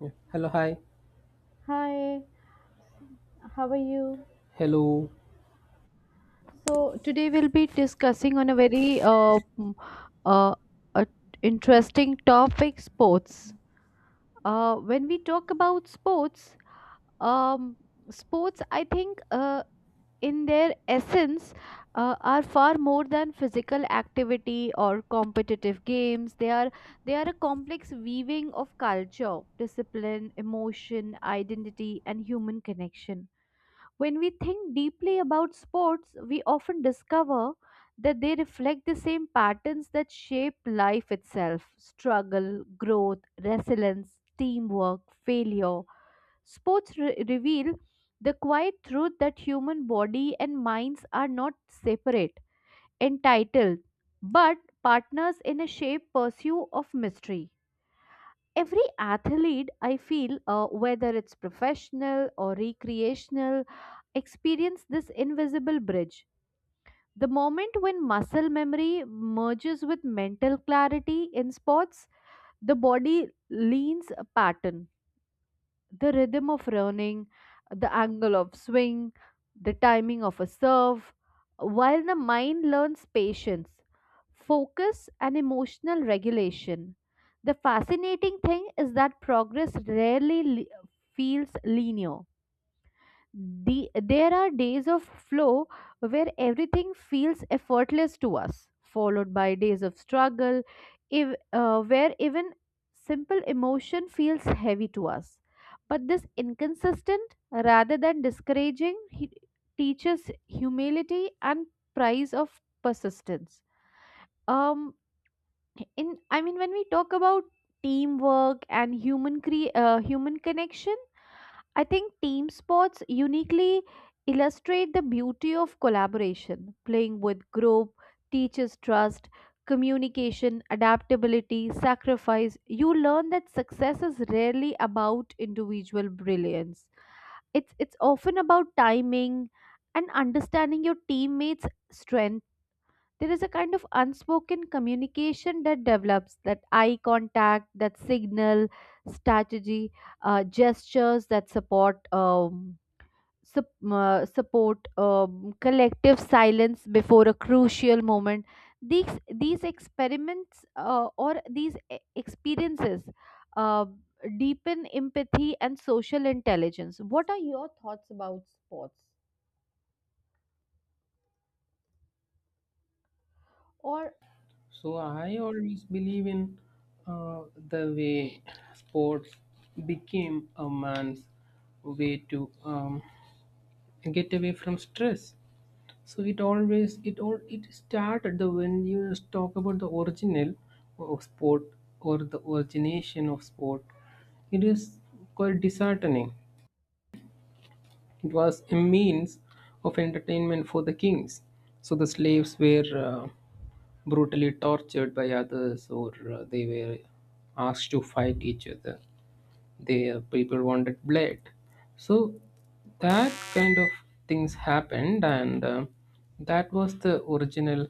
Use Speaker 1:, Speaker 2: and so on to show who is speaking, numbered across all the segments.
Speaker 1: Yeah. Hello, hi.
Speaker 2: Hi, how are you?
Speaker 1: Hello.
Speaker 2: So today we'll be discussing on a very uh, uh, interesting topic, sports. When we talk about sports, um, sports, I think in their essence are far more than physical activity or competitive games. They are a complex weaving of culture, discipline, emotion, identity, and human connection. When we think deeply about sports, we often discover that they reflect the same patterns that shape life itself: struggle, growth, resilience, teamwork, failure. Reveal the quiet truth that human body and minds are not separate, entitled, but partners in a shape pursuit of mystery. Every athlete, I feel, whether it's professional or recreational, experience this invisible bridge. The moment when muscle memory merges with mental clarity in sports, the body leans a pattern. The rhythm of running, the angle of swing, the timing of a serve, while the mind learns patience, focus, and emotional regulation. The fascinating thing is that feels linear. There are days of flow where everything feels effortless to us, followed by days of struggle, if, where even simple emotion feels heavy to us. But this inconsistent, rather than discouraging, he teaches humility and price of persistence. Um, in I mean, when we talk about teamwork and human connection, I think team sports uniquely illustrate the beauty of collaboration. Playing with group teaches trust, communication, adaptability, sacrifice. You learn that success is rarely about individual brilliance. It's often about timing and understanding your teammates' strengths. There is a kind of unspoken communication that develops: that eye contact, that signal, strategy, gestures that support, support, collective silence before a crucial moment. These experiments or these e- experiences uh, deepen empathy and social intelligence. What are your thoughts about sports or...
Speaker 1: So I always believe in uh, the way sports became a man's way to get away from stress. So it always it started the when you talk about the original of sport or the origination of sport, it is quite disheartening. It was a means of entertainment for the kings. So the slaves were brutally tortured by others, or they were asked to fight each other. Their people wanted blood, so that kind of things happened, and that was the original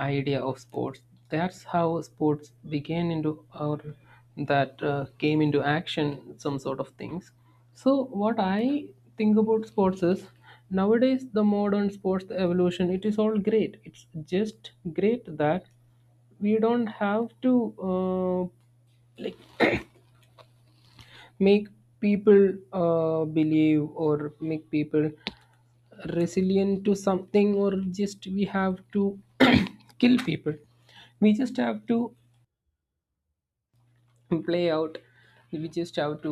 Speaker 1: idea of sports. That's how sports began into our, that came into action, some sort of things. So what I think about sports is nowadays the modern sports, the evolution, it is all great. It's just great that we don't have to uh, like make people believe or make people resilient to something, or just we have to kill people. We just have to play out, we just have to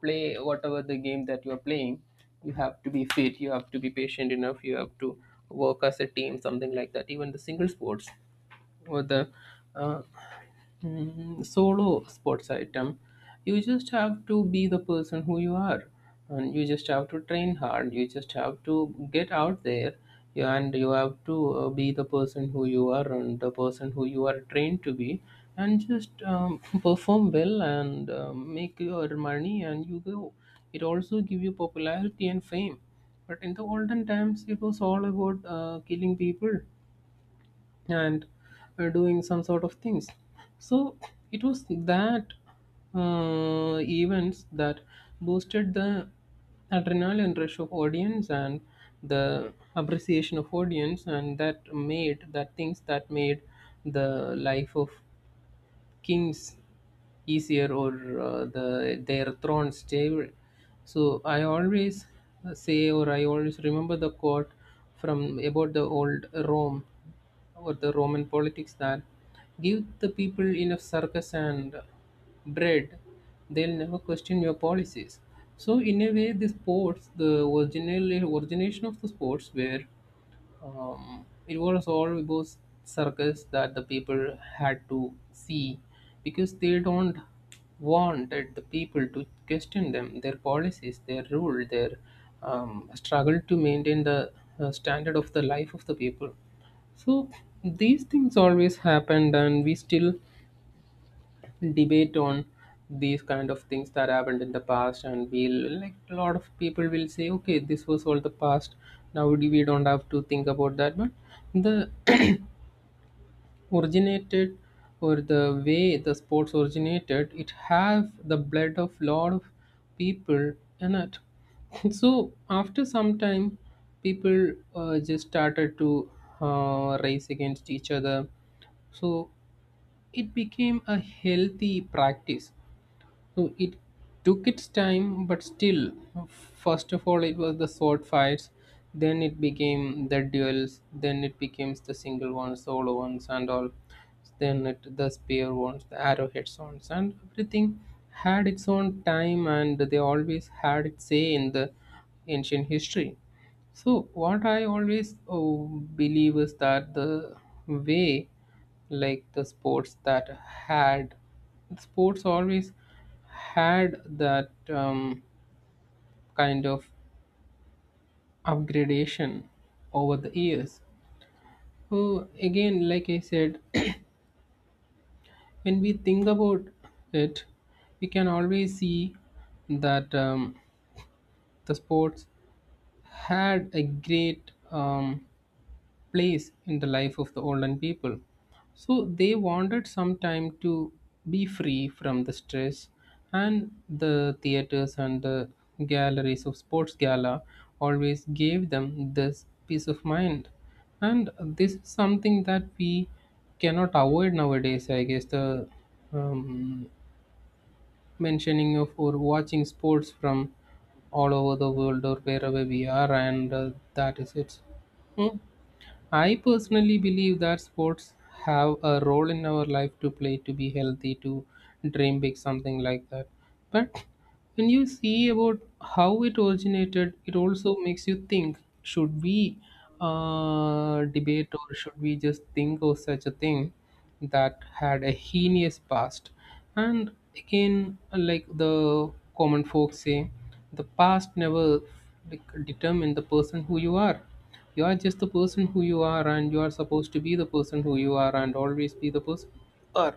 Speaker 1: play whatever the game that you are playing. You have to be fit, you have to be patient enough, you have to work as a team, something like that. Even the single sports or the uh, solo sports item, you just have to be the person who you are, and you just have to train hard, you just have to get out there, and you have to be the person who you are and the person who you are trained to be, and just perform well and make your money and you go. It also give you popularity and fame, but in the olden times it was all about killing people, and doing some sort of things. So it was that events that boosted the adrenaline rush of audience and the appreciation of audience, and that made that things, that made the life of kings easier, or the their thrones favored. So I always say, or I always remember the quote from about the old Rome or the Roman politics, that give the people enough circus and bread, they'll never question your policies. So in a way, the sports, the original origination of the sports were it was all always circus that the people had to see, because they don't wanted the people to question them, their policies, their rule, their struggle to maintain the standard of the life of the people. So these things always happened, and we still debate on these kind of things that happened in the past, and we'll, like a lot of people will say, okay, this was all the past, now we don't have to think about that. But the originated, or the way the sports originated, it have the blood of lot of people in it. So after some time people just started to race against each other, so it became a healthy practice. So it took its time, but still, first of all, it was the sword fights, then it became the duels, then it becomes the single ones, solo ones, and all. Then it, the spear ones, the arrowheads ones, and everything had its own time, and they always had its say in the ancient history. So, what I always believe is that the way, like the sports that had sports always had that kind of upgradation over the years. So again, like I said, when we think about it, we can always see that the sports had a great place in the life of the olden people. So they wanted some time to be free from the stress, and the theaters and the galleries of sports gala always gave them this peace of mind. And this is something that we cannot avoid nowadays, I guess. The um, mentioning of or watching sports from all over the world or wherever we are, and that is it. Hmm. I personally believe that sports have a role in our life to play, to be healthy, to dream big, something like that. But when you see about how it originated, it also makes you think: should we debate, or should we just think of such a thing that had a heinous past? And again, like the common folks say, the past never, like, determine the person who you are. You are just the person who you are, and you are supposed to be the person who you are, and always be the person you are.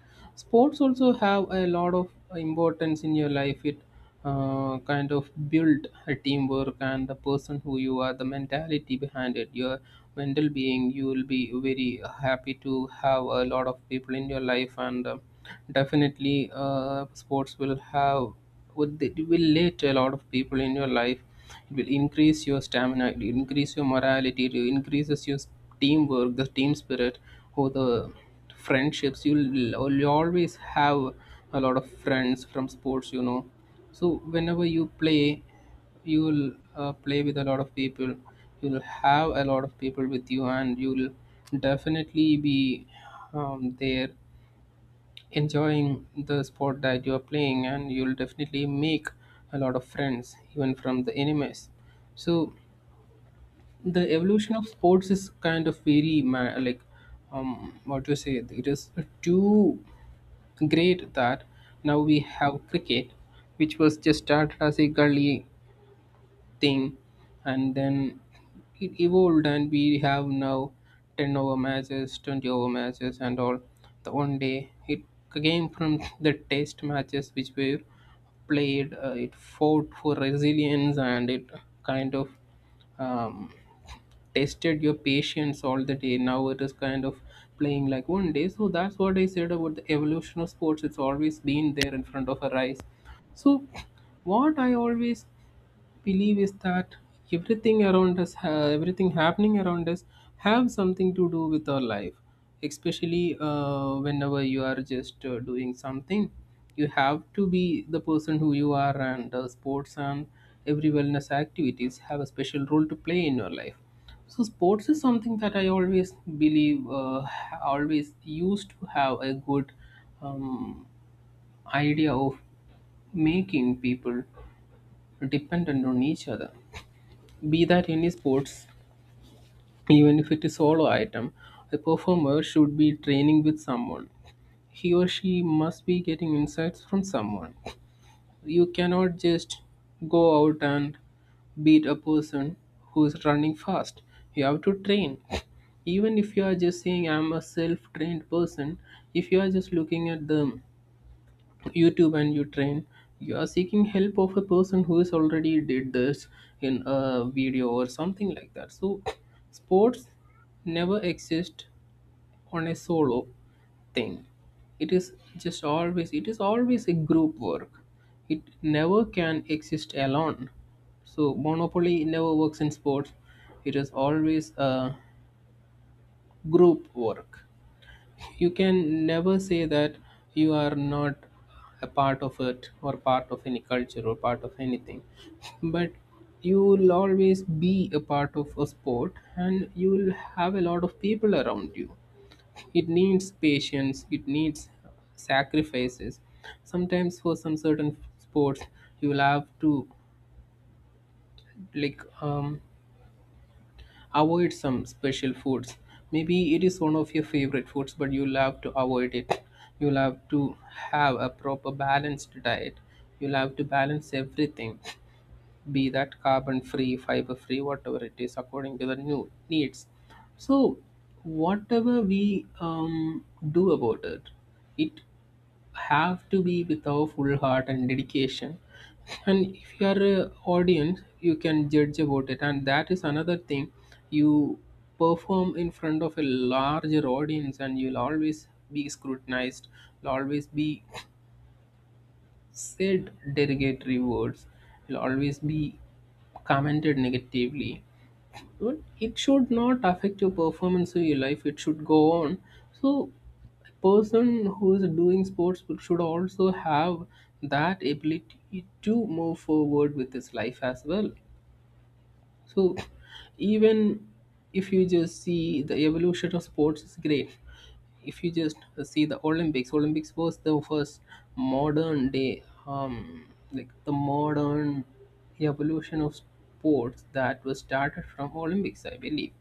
Speaker 1: Sports also have a lot of importance in your life. It kind of build a teamwork and the person who you are, the mentality behind it, your mental being. You will be very happy to have a lot of people in your life. And definitely sports will have, would, it will let a lot of people in your life. It will increase your stamina, it will increase your morality, it increases your teamwork, the team spirit, or the friendships. You'll always have a lot of friends from sports, you know, so whenever you play, you'll play with a lot of people, you'll have a lot of people with you, and you'll definitely be there enjoying the sport that you are playing, and you'll definitely make a lot of friends even from the enemies. So the evolution of sports is kind of very like what to say, it is too great that now we have cricket, which was just started as a gully thing, and then it evolved, and we have now 10 over matches, 20 over matches and all. The one day, it came from the test matches, which were played, it fought for resilience, and it kind of um, tested your patience all the day. Now it is kind of playing like one day. So that's what I said about the evolution of sports, it's always been there in front of our eyes. So what I always believe is that everything around us everything happening around us have something to do with our life, especially whenever you are just doing something, you have to be the person who you are. And sports and every wellness activities have a special role to play in your life. So sports is something that I always believe, always used to have a good um, idea of making people dependent on each other, be that any sports, even if it is solo item, a performer should be training with someone. He or she must be getting insights from someone. You cannot just go out and beat a person who is running fast. You have to train. Even if you are just saying I'm a self trained person, if you are just looking at them YouTube and you train, you are seeking help of a person who is already did this in a video or something like that. So sports never exist on a solo thing. It is just always, it is always a group work. It never can exist alone. So monopoly never works in sports. It is always a group work. You can never say that you are not a part of it, or part of any culture or part of anything, but you will always be a part of a sport, and you will have a lot of people around you. It needs patience, it needs sacrifices. Sometimes for some certain sports, you will have to like um, avoid some special foods. Maybe it is one of your favorite foods, but you'll have to avoid it. You'll have to have a proper balanced diet. You'll have to balance everything, be that carbon free, fiber free, whatever it is, according to the new needs. So, whatever we do about it, it have to be with our full heart and dedication. And if you are a audience, you can judge about it, and that is another thing. You perform in front of a larger audience, and you'll always be scrutinized, you'll always be said derogatory words, you'll always be commented negatively, but it should not affect your performance or your life, it should go on. So person who is doing sports should also have that ability to move forward with his life as well. So even if you just see, the evolution of sports is great. If you just see the Olympics, Olympics was the first modern day like the modern evolution of sports that was started from Olympics, I believe.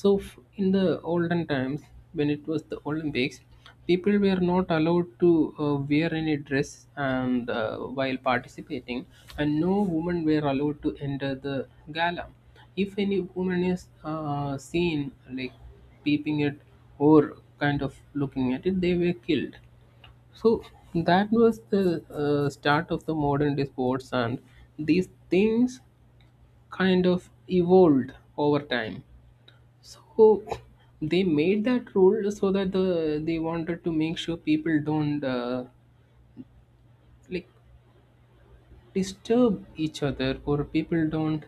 Speaker 1: So, in the olden times, when it was the Olympics, people were not allowed to wear any dress, and while participating, and no women were allowed to enter the gala. If any woman is seen like peeping it or kind of looking at it, they were killed. So that was the start of the modern day sports, and these things kind of evolved over time. So they made that rule so that they wanted to make sure people don't like disturb each other, or people don't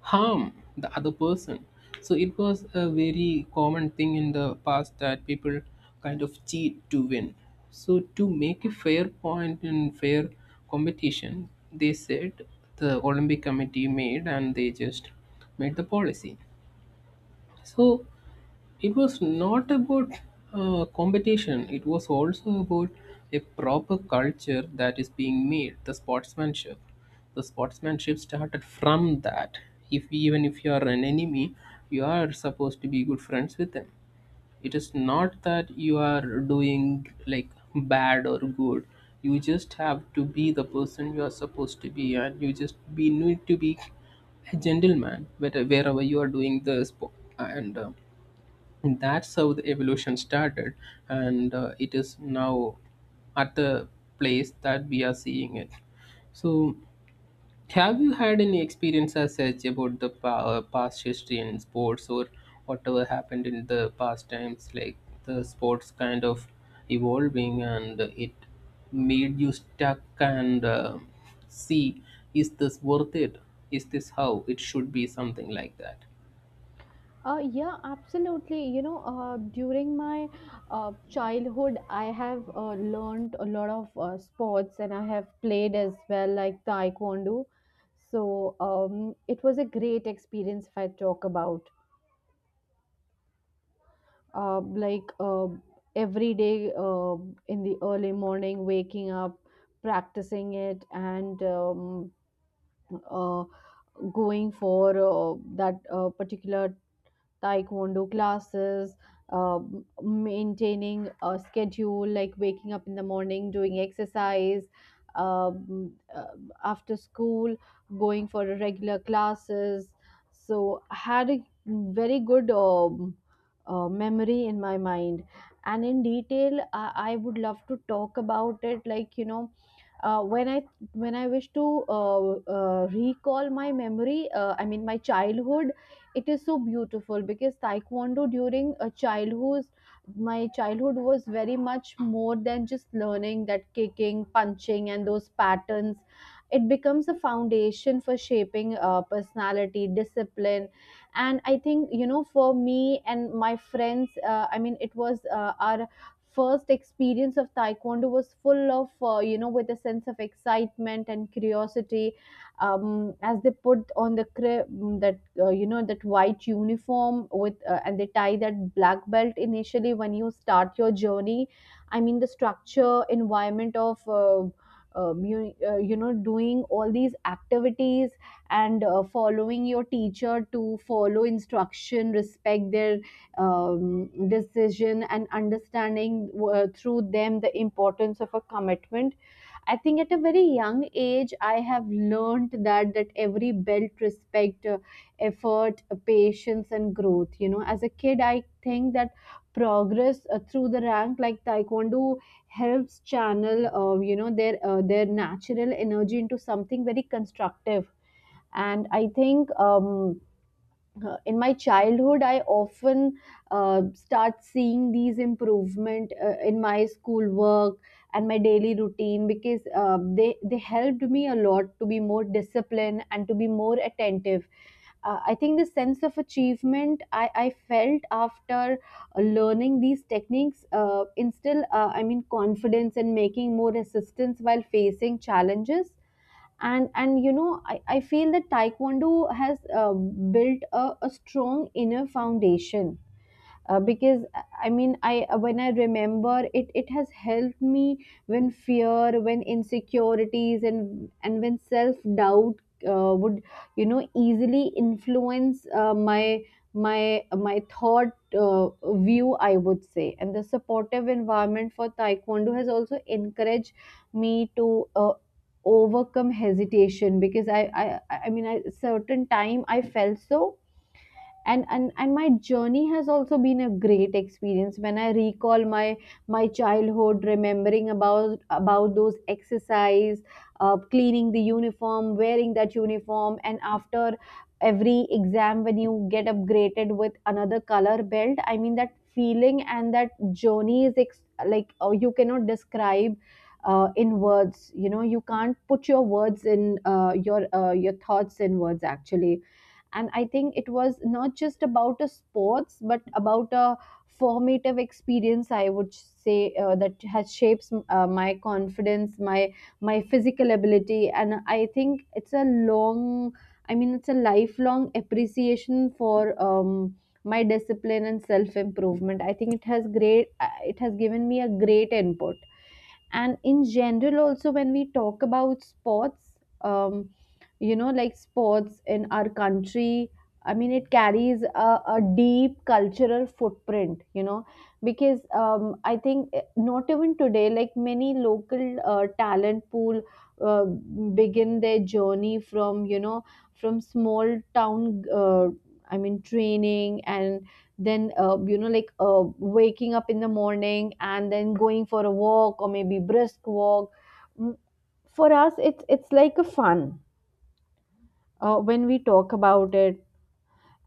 Speaker 1: harm the other person. So it was a very common thing in the past that people kind of cheat to win. So to make a fair point and fair competition, they said, the Olympic Committee made and they just made the policy. So it was not about competition, it was also about a proper culture that is being made, the sportsmanship. The sportsmanship started from that, if even if you are an enemy, you are supposed to be good friends with them. It is not that you are doing, like, bad or good, you just have to be the person you are supposed to be, and you just be need to be a gentleman wherever you are doing the sport. And and that's how the evolution started, and it is now at the place that we are seeing it. So have you had any experience as such about the past history in sports, or whatever happened in the past times, like the sports kind of evolving, and it made you stuck, and see, is this worth it, is this how it should be, something like that?
Speaker 2: Yeah, absolutely. You know, during my childhood, I have learned a lot of sports and I have played as well, like taekwondo. So it was a great experience if I talk about. Uh, like uh, every day, in the early morning, waking up, practicing it, and uh, going for that particular taekwondo classes, maintaining a schedule like waking up in the morning, doing exercise, um, uh, after school, going for a regular classes. So I had a very good memory in my mind. And in detail, I would love to talk about it, like, you know, when I when I wish to recall my memory, I mean my childhood, it is so beautiful because Taekwondo during a childhood, my childhood was very much more than just learning that kicking, punching, and those patterns. It becomes a foundation for shaping personality, discipline, and I think, you know, for me and my friends, I mean it was our first experience of taekwondo was full of you know, with a sense of excitement and curiosity, as they put on the that, you know, that white uniform with and they tie that black belt initially when you start your journey. I mean the structure environment of, you know, doing all these activities and, following your teacher to follow instruction, respect their decision, and understanding through them the importance of a commitment. I think at a very young age I have learned that every belt respect effort, patience, and growth. You know, as a kid I think that progress through the rank like taekwondo helps channel, you know, their natural energy into something very constructive. And I think, in my childhood I often start seeing these improvement in my schoolwork and my daily routine because they helped me a lot to be more disciplined and to be more attentive. Uh, I think the sense of achievement I felt after learning these techniques instill, I mean, confidence and making more resistance while facing challenges. And you know, I feel that taekwondo has built a strong inner foundation, because I mean I when I remember it, it has helped me when fear, when insecurities, and when self doubt would, you know, easily influence my my thought, view, I would say. And the supportive environment for taekwondo has also encouraged me to uh, overcome hesitation because, I mean, at certain time I felt so. And my journey has also been a great experience when I recall my childhood, remembering about those exercise, cleaning the uniform, wearing that uniform, and after every exam when you get upgraded with another color belt, I mean that feeling and that journey is you cannot describe in words. You know, you can't put your words in your thoughts in words actually. And I think it was not just about a sports, but about a formative experience, I would say, that has shapes my confidence, my physical ability. And I think it's a long I mean it's a lifelong appreciation for um, my discipline and self improvement. I think it has great, it has given me a great input. And in general also, when we talk about sports, you know, like sports in our country, I mean, it carries a deep cultural footprint, you know, because, not even today, like many local talent pool begin their journey from, you know, from small town, I mean training, and then you know, like waking up in the morning and then going for a walk or maybe brisk walk. Mm, for us it's like a fun when we talk about it.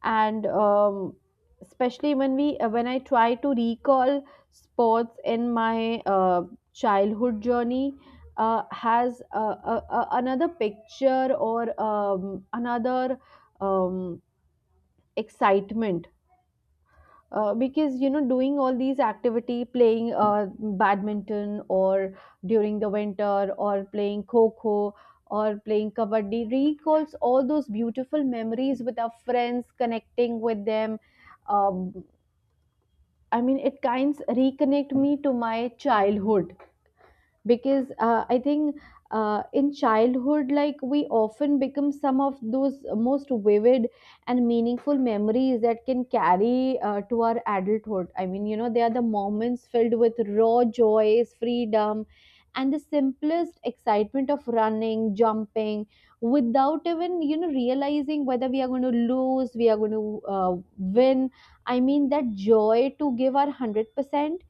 Speaker 2: And especially when I try to recall sports in my childhood journey, has another picture or another, um, excitement. Because, you know, doing all these activity, playing badminton or during the winter, or playing kho kho, or playing kabaddi recalls all those beautiful memories with our friends, connecting with them. um, I mean, it kinds reconnect me to my childhood because, I think in childhood, like, we often become some of those most vivid and meaningful memories that can carry to our adulthood. I mean, you know, they are the moments filled with raw joys, freedom, and the simplest excitement of running, jumping without even, you know, realizing whether we are going to lose, we are going to win. I mean that joy to give our 100%.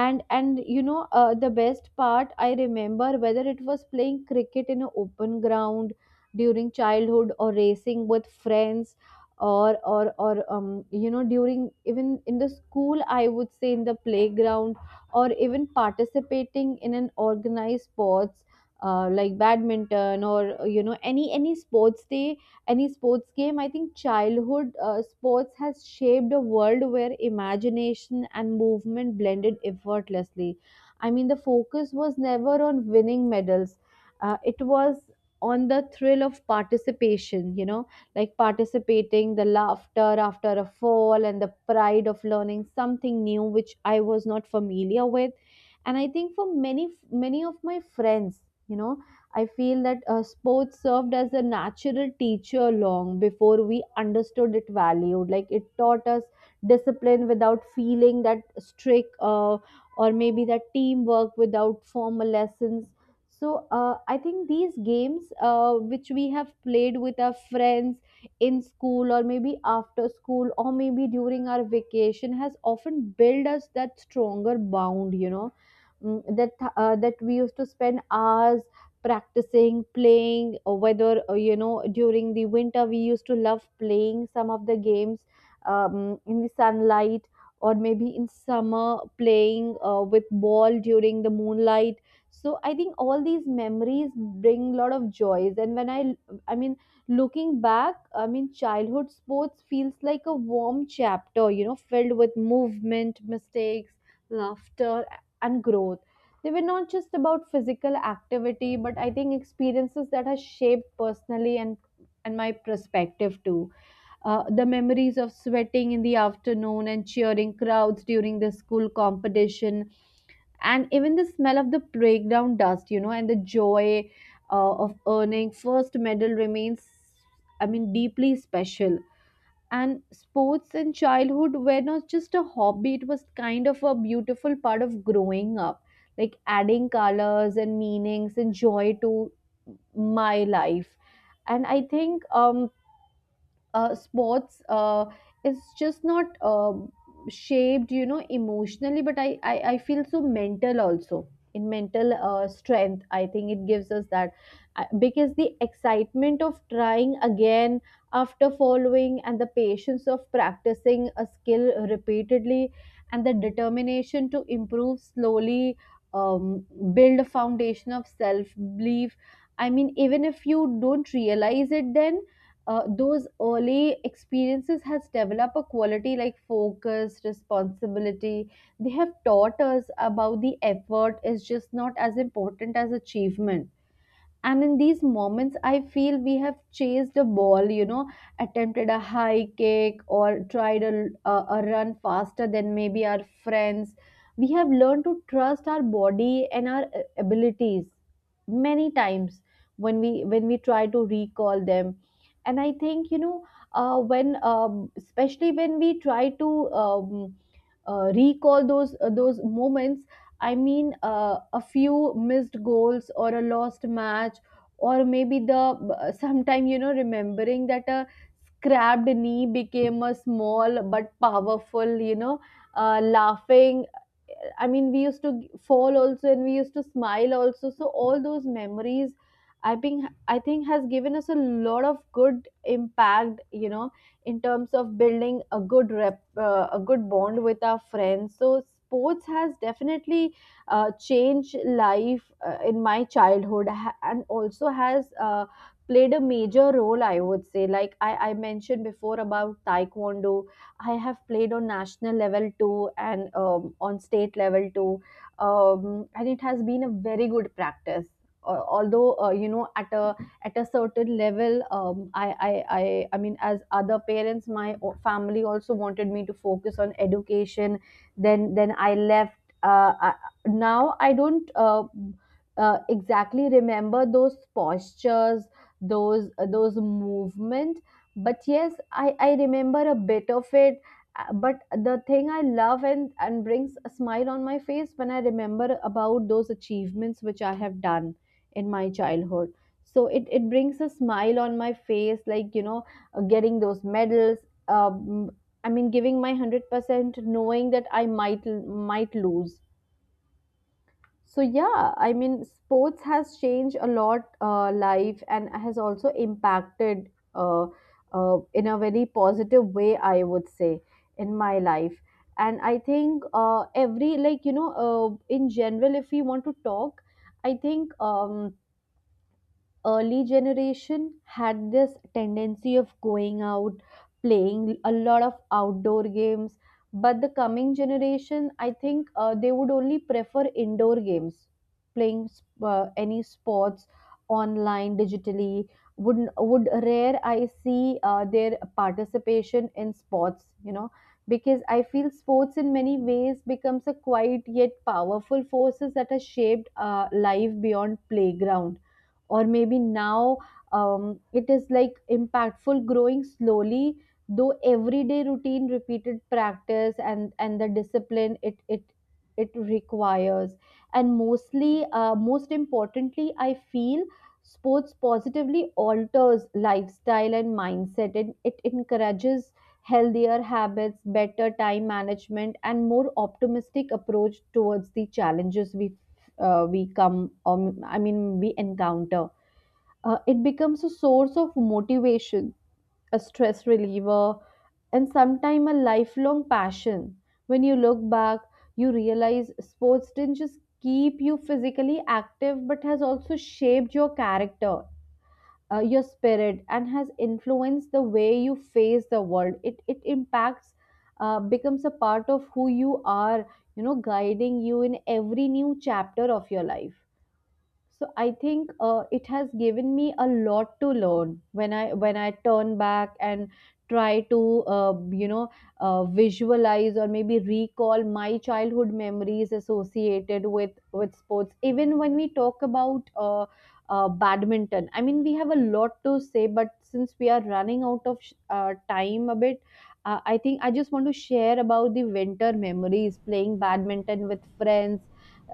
Speaker 2: And you know, the best part I remember, whether it was playing cricket in an open ground during childhood, or racing with friends, or you know, during even in the school, I would say in the playground, or even participating in an organized sports, like badminton, or, you know, any sports day, any sports game. I think childhood sports has shaped a world where imagination and movement blended effortlessly. I mean the focus was never on winning medals, it was on the thrill of participation, you know, like participating, the laughter after a fall, and the pride of learning something new which I was not familiar with. And I think for many of my friends, you know, I feel that sports served as a natural teacher long before we understood it valued. Like, it taught us discipline without feeling that strict, or maybe that teamwork without formal lessons. So I think these games, which we have played with our friends in school, or maybe after school, or maybe during our vacation, has often built us that stronger bond. You know, mm, that that we used to spend hours practicing, playing, or whether, you know, during the winter we used to love playing some of the games in the sunlight, or maybe in summer, playing with ball during the moonlight. So I think all these memories bring a lot of joys. And when i mean looking back, I mean childhood sports feels like a warm chapter, you know, filled with movement, mistakes, laughter, and growth. They were not just about physical activity, but I think experiences that has shaped personally and my perspective too. The memories of sweating in the afternoon and cheering crowds during the school competition, and even the smell of the playground dust, you know, and the joy of earning first medal remains, I mean, deeply special. And sports in childhood were not just a hobby, it was kind of a beautiful part of growing up, like adding colors and meanings and joy to my life. And I think sports is just not shaped, you know, emotionally, but I feel so mental also. In mental strength, I think it gives us that. Because the excitement of trying again after following, and the patience of practicing a skill repeatedly, and the determination to improve slowly, um, build a foundation of self belief. I mean, even if you don't realize it then, those early experiences has developed a quality like focus, responsibility. They have taught us about the effort is just not as important as achievement. And in these moments, I feel we have chased a ball, you know, attempted a high kick, or tried a run faster than maybe our friends. We have learned to trust our body and our abilities many times when we try to recall them. And I think, you know, when especially when we try to recall those moments. I mean, a few missed goals or a lost match, or maybe the sometime, you know, remembering that a scrapped knee became a small but powerful, you know, laughing. I mean, we used to fall also, and we used to smile also. So all those memories, I think has given us a lot of good impact. You know, in terms of building a good rep, a good bond with our friends. So sports has definitely changed life in my childhood, and also has played a major role, I would say. Like I mentioned before about taekwondo, I have played on national level too, and on state level too. And it has been a very good practice. Although, you know, at a certain level, I mean, as other parents, my family also wanted me to focus on education. Then I left. Uh, I, Now I don't exactly remember those postures, those movement. But yes, I remember a bit of it. But the thing I love, and brings a smile on my face when I remember about those achievements which I have done in my childhood. So it brings a smile on my face, like, you know, getting those medals. um, I mean, giving my 100% knowing that I might lose. So yeah, I mean, sports has changed a lot life, and has also impacted uh, in a very positive way, I would say, in my life. And I think every, like, you know, in general, if we want to talk, I think, early generation had this tendency of going out playing a lot of outdoor games. But the coming generation, I think, they would only prefer indoor games, playing any sports online digitally. Would rare I see their participation in sports, you know. Because I feel sports in many ways becomes a quiet yet powerful forces that has shaped life beyond playground, or maybe now, it is like impactful, growing slowly though everyday routine, repeated practice, and the discipline it requires. And mostly, most importantly, I feel sports positively alters lifestyle and mindset, and it encourages healthier habits, better time management, and more optimistic approach towards the challenges we come I mean we encounter. It becomes a source of motivation, a stress reliever, and sometimes a lifelong passion. When you look back, you realize sports didn't just keep you physically active, but has also shaped your character, your spirit, and has influenced the way you face the world. It impacts, becomes a part of who you are, you know, guiding you in every new chapter of your life. So I think it has given me a lot to learn when I turn back and try to, visualize or maybe recall my childhood memories associated with sports. Even when we talk about badminton, I mean, we have a lot to say, but since we are running out of time a bit. I think I just want to share about the winter memories playing badminton with friends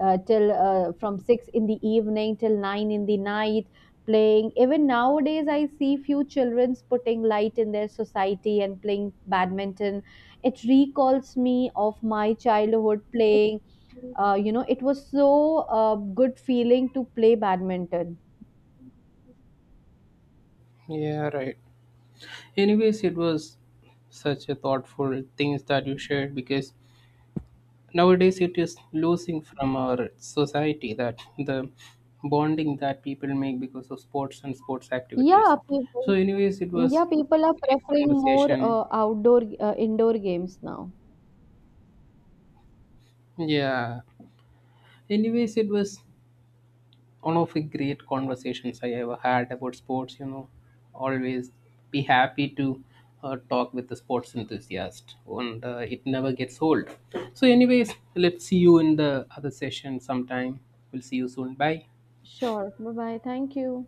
Speaker 2: till from 6 in the evening till 9 in the night playing. Even nowadays, I see few children's putting light in their society and playing badminton. It recalls me of my childhood playing. You know, it was so uh, good feeling to play badminton.
Speaker 1: Yeah, right. Anyways, it was such a thoughtful things that you shared, because nowadays it is losing from our society, that the bonding that people make because of sports and sports activities.
Speaker 2: yeah
Speaker 1: So,
Speaker 2: people
Speaker 1: anyways, it was
Speaker 2: yeah, people are
Speaker 1: great
Speaker 2: preferring more
Speaker 1: conversation.
Speaker 2: outdoor indoor games now.
Speaker 1: Yeah. Anyways, it was one of the great conversations I ever had about sports. You know, always be happy to talk with the sports enthusiast, and it never gets old. So, anyways, let's see you in the other session sometime. We'll see you soon. Bye.
Speaker 2: Sure, bye bye, thank you.